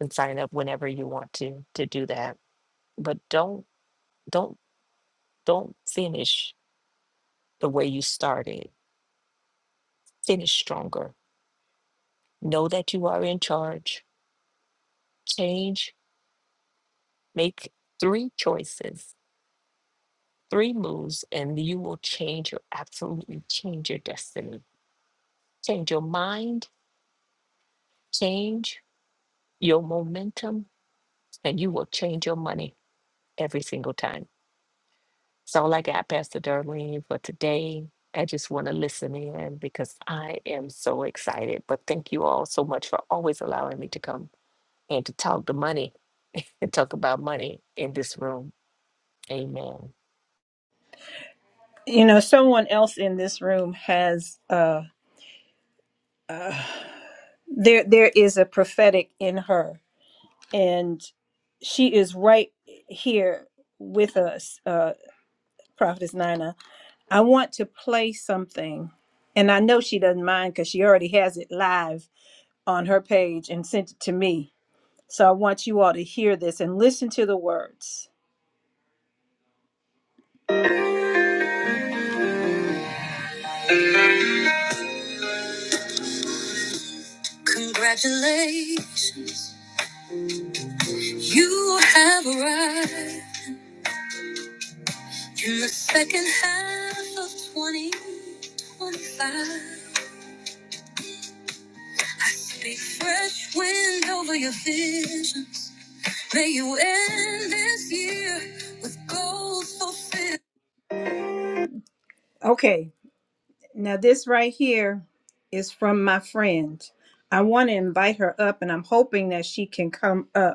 [SPEAKER 3] can sign up whenever you want to to do that. But don't don't Don't finish the way you started. Finish stronger. Know that you are in charge. Change, make three choices, three moves, and you will change your absolutely change your destiny. Change your mind, change your momentum, and you will change your money every single time. That's all I got, Pastor Darlene, for today. I just want to listen in because I am so excited. But thank you all so much for always allowing me to come and to talk to money and talk about money in this room. Amen.
[SPEAKER 2] You know, someone else in this room has uh there there is a prophetic in her and she is right here with us, uh Prophetess Nina. I want to play something and I know she doesn't mind because she already has it live on her page and sent it to me So I want you all to hear this and listen to the words. Congratulations, you have arrived in the second half of 2025. I speak fresh wind over your visions. May you end this year with goals fulfilled. Okay, now this right here is from my friend. I want to invite her up, and I'm hoping that she can come up.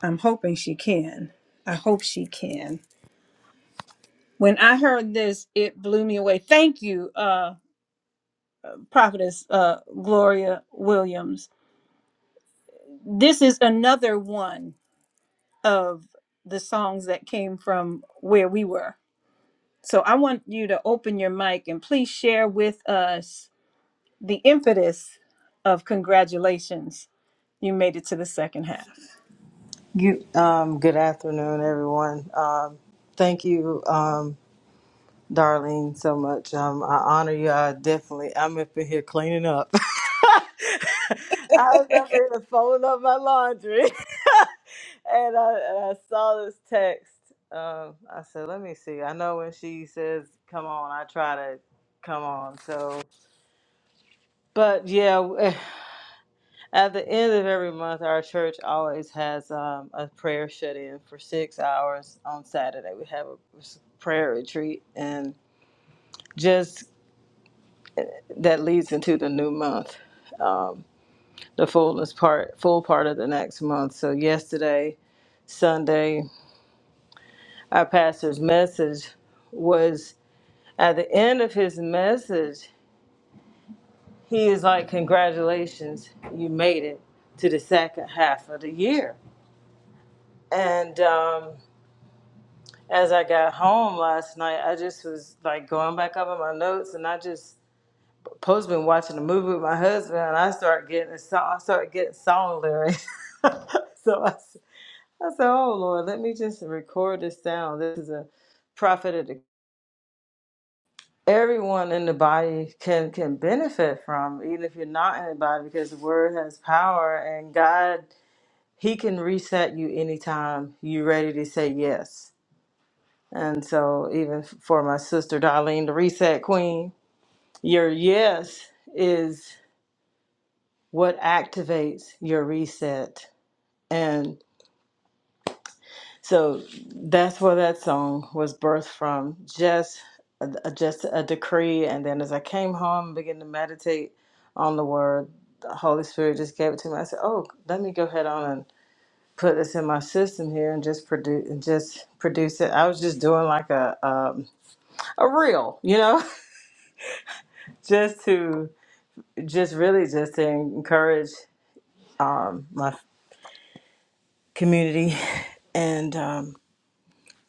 [SPEAKER 2] I'm hoping she can. I hope she can. When I heard this, it blew me away. Thank you, uh, Prophetess uh, Gloria Williams. This is another one of the songs that came from where we were. So I want you to open your mic and please share with us the impetus of congratulations. You made it to the second half.
[SPEAKER 5] Good, um, good afternoon, everyone. Um, thank you, um, Darlene, so much. Um, I honor you. I definitely, I'm up in here cleaning up. I was up in here folding up my laundry, and, I, and I saw this text. Um, I said, "Let me see." I know when she says, "Come on," I try to come on. So, but yeah, At the end of every month, our church always has um, a prayer shut in for six hours on Saturday. We have a prayer retreat, and just that leads into the new month, um, the fullness part, full part of the next month. So, yesterday, Sunday, our pastor's message was at the end of his message, he is like, Congratulations, you made it to the second half of the year. And, um, as I got home last night, I just was like going back up in my notes, and I just post been watching a movie with my husband, and I started getting a song. I started getting song lyrics. so I, s- I said, "Oh Lord, let me just record this down. This is a prophet of the everyone in the body can can benefit from, even if you're not in the body, because the word has power, and God." He can reset you anytime you're ready to say yes And so, even f- for my sister Darlene, the reset queen, your yes is what activates your reset. And so, that's where that song was birthed from just a, a- just a decree. And then, as I came home and began to meditate on the word, the Holy Spirit just gave it to me. I said, Oh, let me go ahead on and put this in my system here and just produce and just produce it. I was just doing like a um, a reel, you know, just to just really just to encourage my community and um,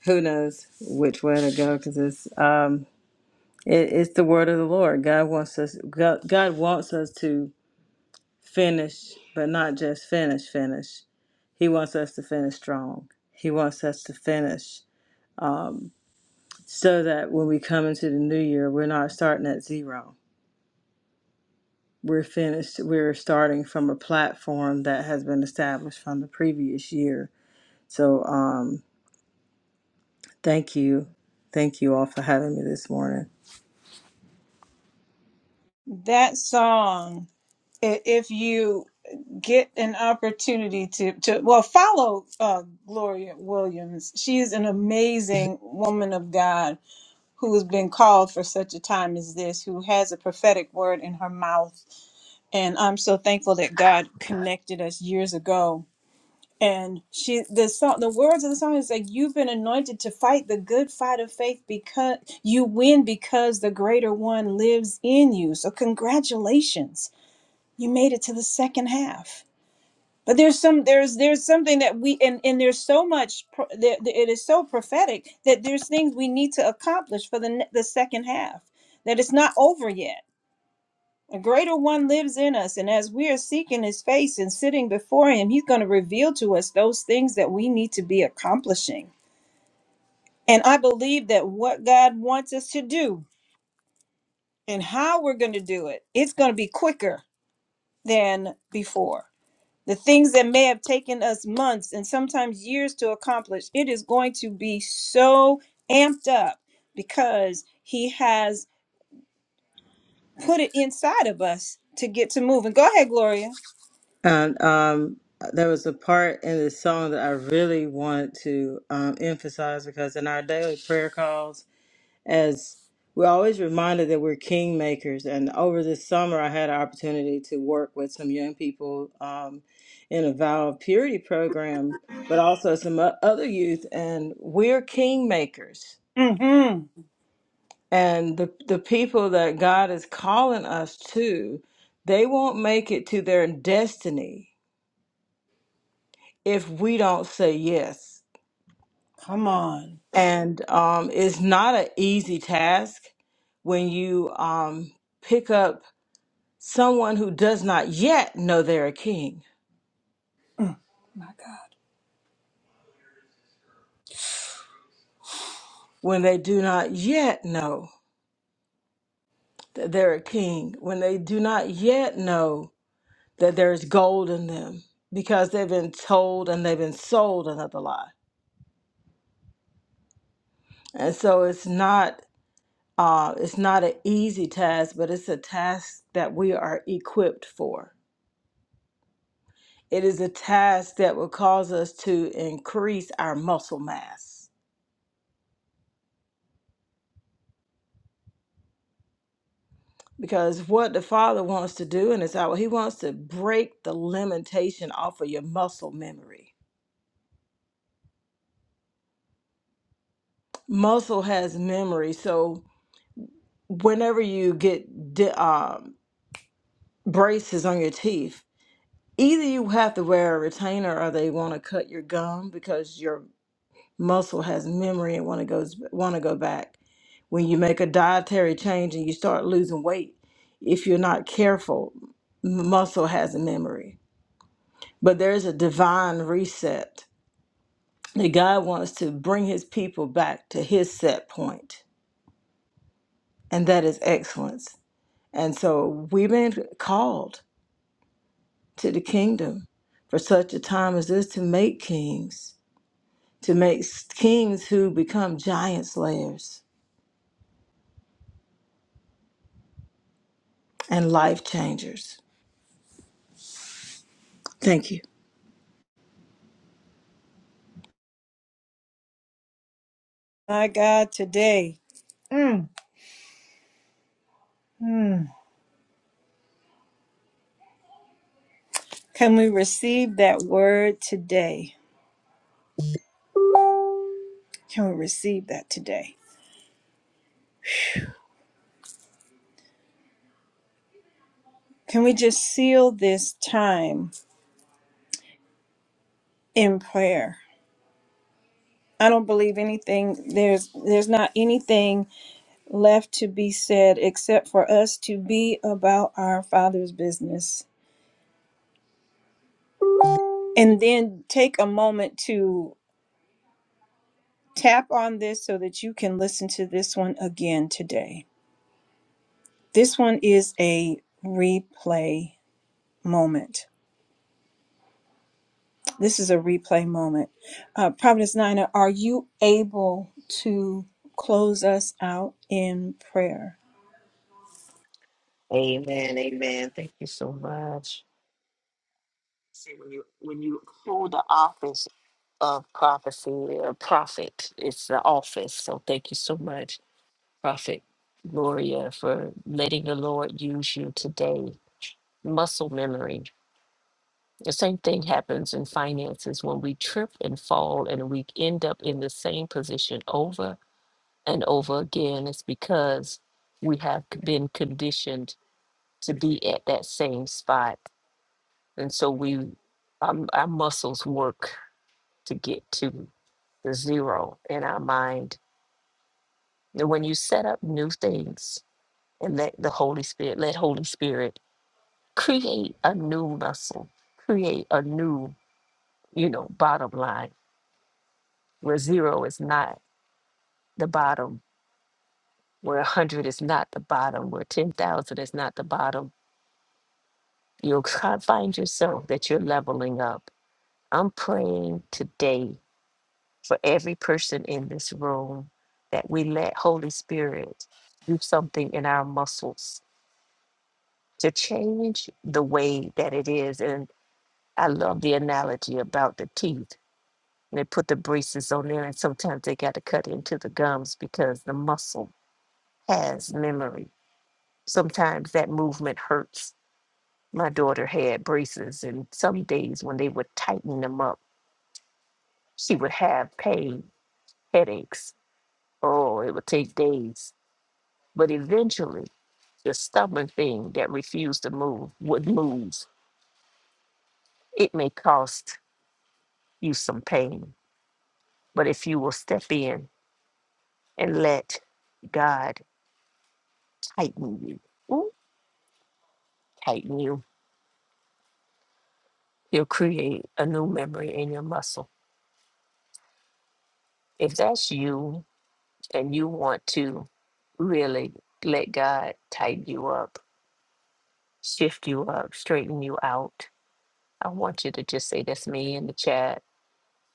[SPEAKER 5] who knows which way to go because it's um, it, it's the word of the lord god wants us god, god wants us to finish but not just finish finish he wants us to finish strong he wants us to finish so that when we come into the new year we're not starting at zero we're finished we're starting from a platform that has been established from the previous year so um Thank you. Thank you all for having me this morning.
[SPEAKER 2] That song i- if you get an opportunity to to well follow uh, Gloria Williams. She is an amazing woman of God who has been called for such a time as this, who has a prophetic word in her mouth, and I'm so thankful that God connected us years ago. And she the song the words of the song is like you've been anointed to fight the good fight of faith because you win because the greater one lives in you. So congratulations you made it to the second half but there's some there's there's something that we and and there's so much pro- that that it is so prophetic that there's things we need to accomplish for the ne- the second half that it's not over yet a greater one lives in us and as we are seeking his face and sitting before him he's going to reveal to us those things that we need to be accomplishing and i believe that what god wants us to do and how we're going to do it it's going to be quicker than before The things that may have taken us months and sometimes years to accomplish, it is going to be so amped up because He has put it inside of us to get to moving. Go ahead, Gloria.
[SPEAKER 5] And um, there was a part in this song that I really wanted to um, emphasize because in our daily prayer calls, as we're always reminded that we're kingmakers. And over this summer, I had an opportunity to work with some young people um, in a vow of purity program, but also some o- other youth. And we're kingmakers.
[SPEAKER 2] hmm
[SPEAKER 5] And the the people that God is calling us to, they won't make it to their destiny if we don't say yes.
[SPEAKER 2] Come on.
[SPEAKER 5] And um, it's not an easy task when you um, pick up someone who does not yet know they're a king,
[SPEAKER 2] Mm. My God,
[SPEAKER 5] when they do not yet know that they're a king, when they do not yet know that there's gold in them because they've been told and they've been sold another lie. And so it's not Uh, it's not an easy task, but it's a task that we are equipped for. It is a task that will cause us to increase our muscle mass. Because what the Father wants to do in this hour, He wants to break the limitation off of your muscle memory. Muscle has memory, so whenever you get di- um, braces on your teeth, either you have to wear a retainer or they want to cut your gum because your muscle has memory and want to goes want to go back. When you make a dietary change and you start losing weight, if you're not careful, m- muscle has a memory. But there is a divine reset that God wants to bring His people back to His set point, and that is excellence. And so we've been called to the kingdom for such a time as this to make kings, to make s- kings who become giant slayers and life changers. Thank you.
[SPEAKER 2] My God, today. Mm. Mm. Can we receive that word today? Can we receive that today? Can we just seal this time in prayer? I don't believe anything. There's there's not anything left to be said except for us to be about our Father's business. And then take a moment to tap on this so that you can listen to this one again today. This one is a replay moment. This is a replay moment. Uh, Providence Nina, are you able to close us out in prayer?
[SPEAKER 3] Amen. Amen. Thank you so much. See, when you when you hold the office of prophecy or prophet, it's the office. So thank you so much, Prophet Gloria, for letting the Lord use you today. Muscle memory. The same thing happens in finances when we trip and fall and we end up in the same position over and over again it's because we have c- been conditioned to be at that same spot and so we our, our muscles work to get to the zero in our mind and when you set up new things and let the holy spirit let holy spirit create a new muscle create a new you know bottom line where zero is not the bottom where 100 is not the bottom where 10000 is not the bottom You'll try- find yourself that you're leveling up. I'm praying today for every person in this room that we let Holy Spirit do something in our muscles to change the way that it is. And I love the analogy about the teeth. And they put the braces on there, and sometimes they got to cut into the gums because the muscle has memory. Sometimes that movement hurts. My daughter had braces, and some days when they would tighten them up, She would have pain, headaches. Oh, it would take days. But eventually, the stubborn thing that refused to move would move. It may cost you some pain, but if you will step in and let God tighten you, ooh, tighten you, you'll create a new memory in your muscle. If that's you and you want to really let God tighten you up, shift you up, straighten you out, I want you to just say that's me in the chat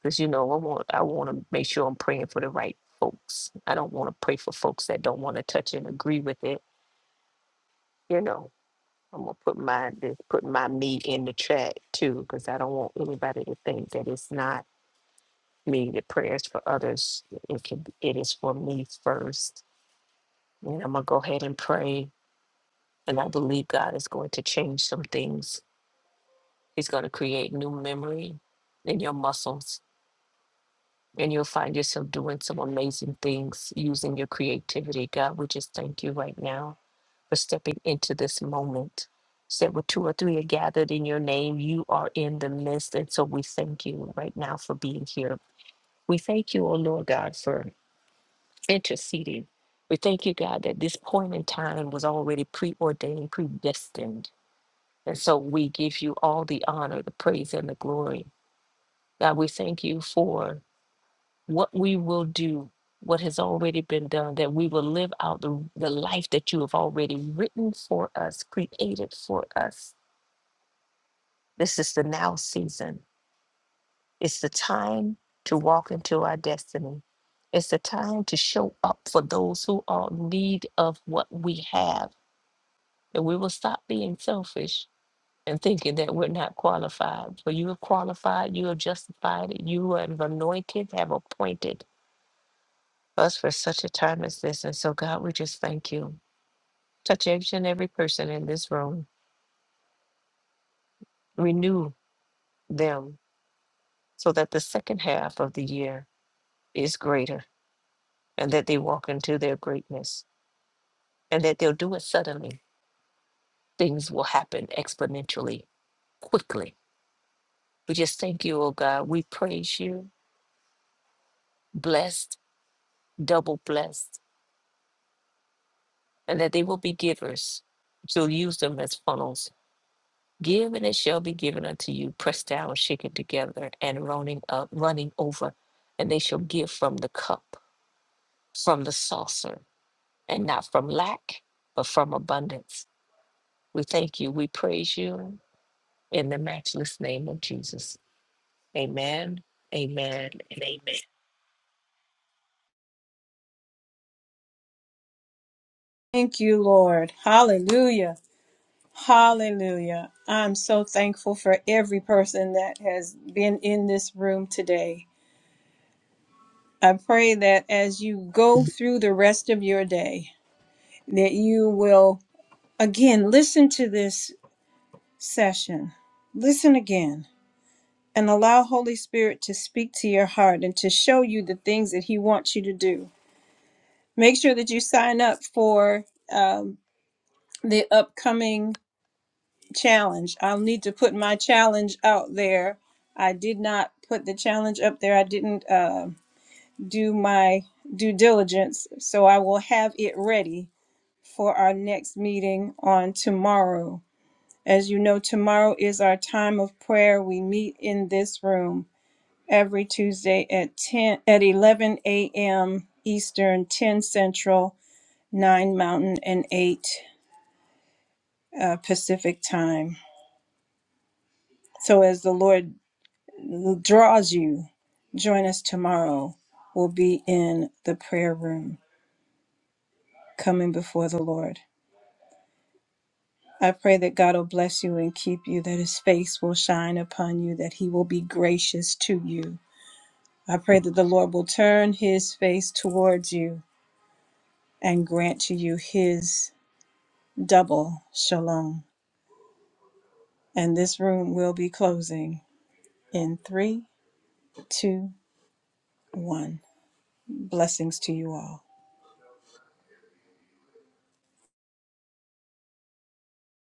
[SPEAKER 3] because you know I want I want to make sure I'm praying for the right folks. I don't want to pray for folks that don't want to touch and agree with it. You know, I'm gonna put my this- put my me in the chat too because I don't want anybody to think that it's not me. The prayers for others it can it is for me first. And I'm gonna go ahead and pray, and I believe God is going to change some things. He's going to create new memory in your muscles and you'll find yourself doing some amazing things using your creativity. God, we just thank you right now for stepping into this moment. Said where two or three are gathered in your name, you are in the midst. And so we thank you right now for being here. We thank you, oh Lord God, for interceding. We thank you, God, that this point in time was already preordained, predestined. And so we give you all the honor, the praise, and the glory. God, we thank you for what we will do, what has already been done, that we will live out the, the life that you have already written for us, created for us. This is the now season. It's the time to walk into our destiny. It's the time to show up for those who are in need of what we have. And we will stop being selfish and thinking that we're not qualified. For you are qualified, you are justified, you are anointed, have appointed us for such a time as this. And so, God, we just thank you. Touch each and every person in this room, renew them so that the second half of the year is greater and that they walk into their greatness and that they'll do it suddenly. Things will happen exponentially, quickly. We just thank you, oh God. We praise you, blessed, double blessed, and that they will be givers. You'll use them as funnels Give and it shall be given unto you, pressed down, shaken together, and running up, running over, and they shall give from the cup, from the saucer, and not from lack, but from abundance. We thank you, we praise you in the matchless name of Jesus. Amen, amen, and amen.
[SPEAKER 2] Thank you, Lord. Hallelujah. Hallelujah. I'm so thankful for every person that has been in this room today. I pray that as you go through the rest of your day, that you will again listen to this session. Listen again and allow Holy Spirit to speak to your heart and to show you the things that he wants you to do. Make sure that you sign up for um, the upcoming challenge. I'll need to put my challenge out there. I did not put the challenge up there. I didn't uh, do my due diligence, so I will have it ready for our next meeting on tomorrow. As you know, tomorrow is our time of prayer. We meet in this room every Tuesday at 10 at 11 a.m. Eastern, 10 Central, 9 Mountain and 8 uh, Pacific time. So as the Lord draws you. Join us tomorrow. We'll be in the prayer room coming before the Lord. I pray that God will bless you and keep you, that his face will shine upon you, that he will be gracious to you. I pray that the Lord will turn his face towards you and grant to you his double shalom. And this room will be closing in three, two, one. Blessings to you all.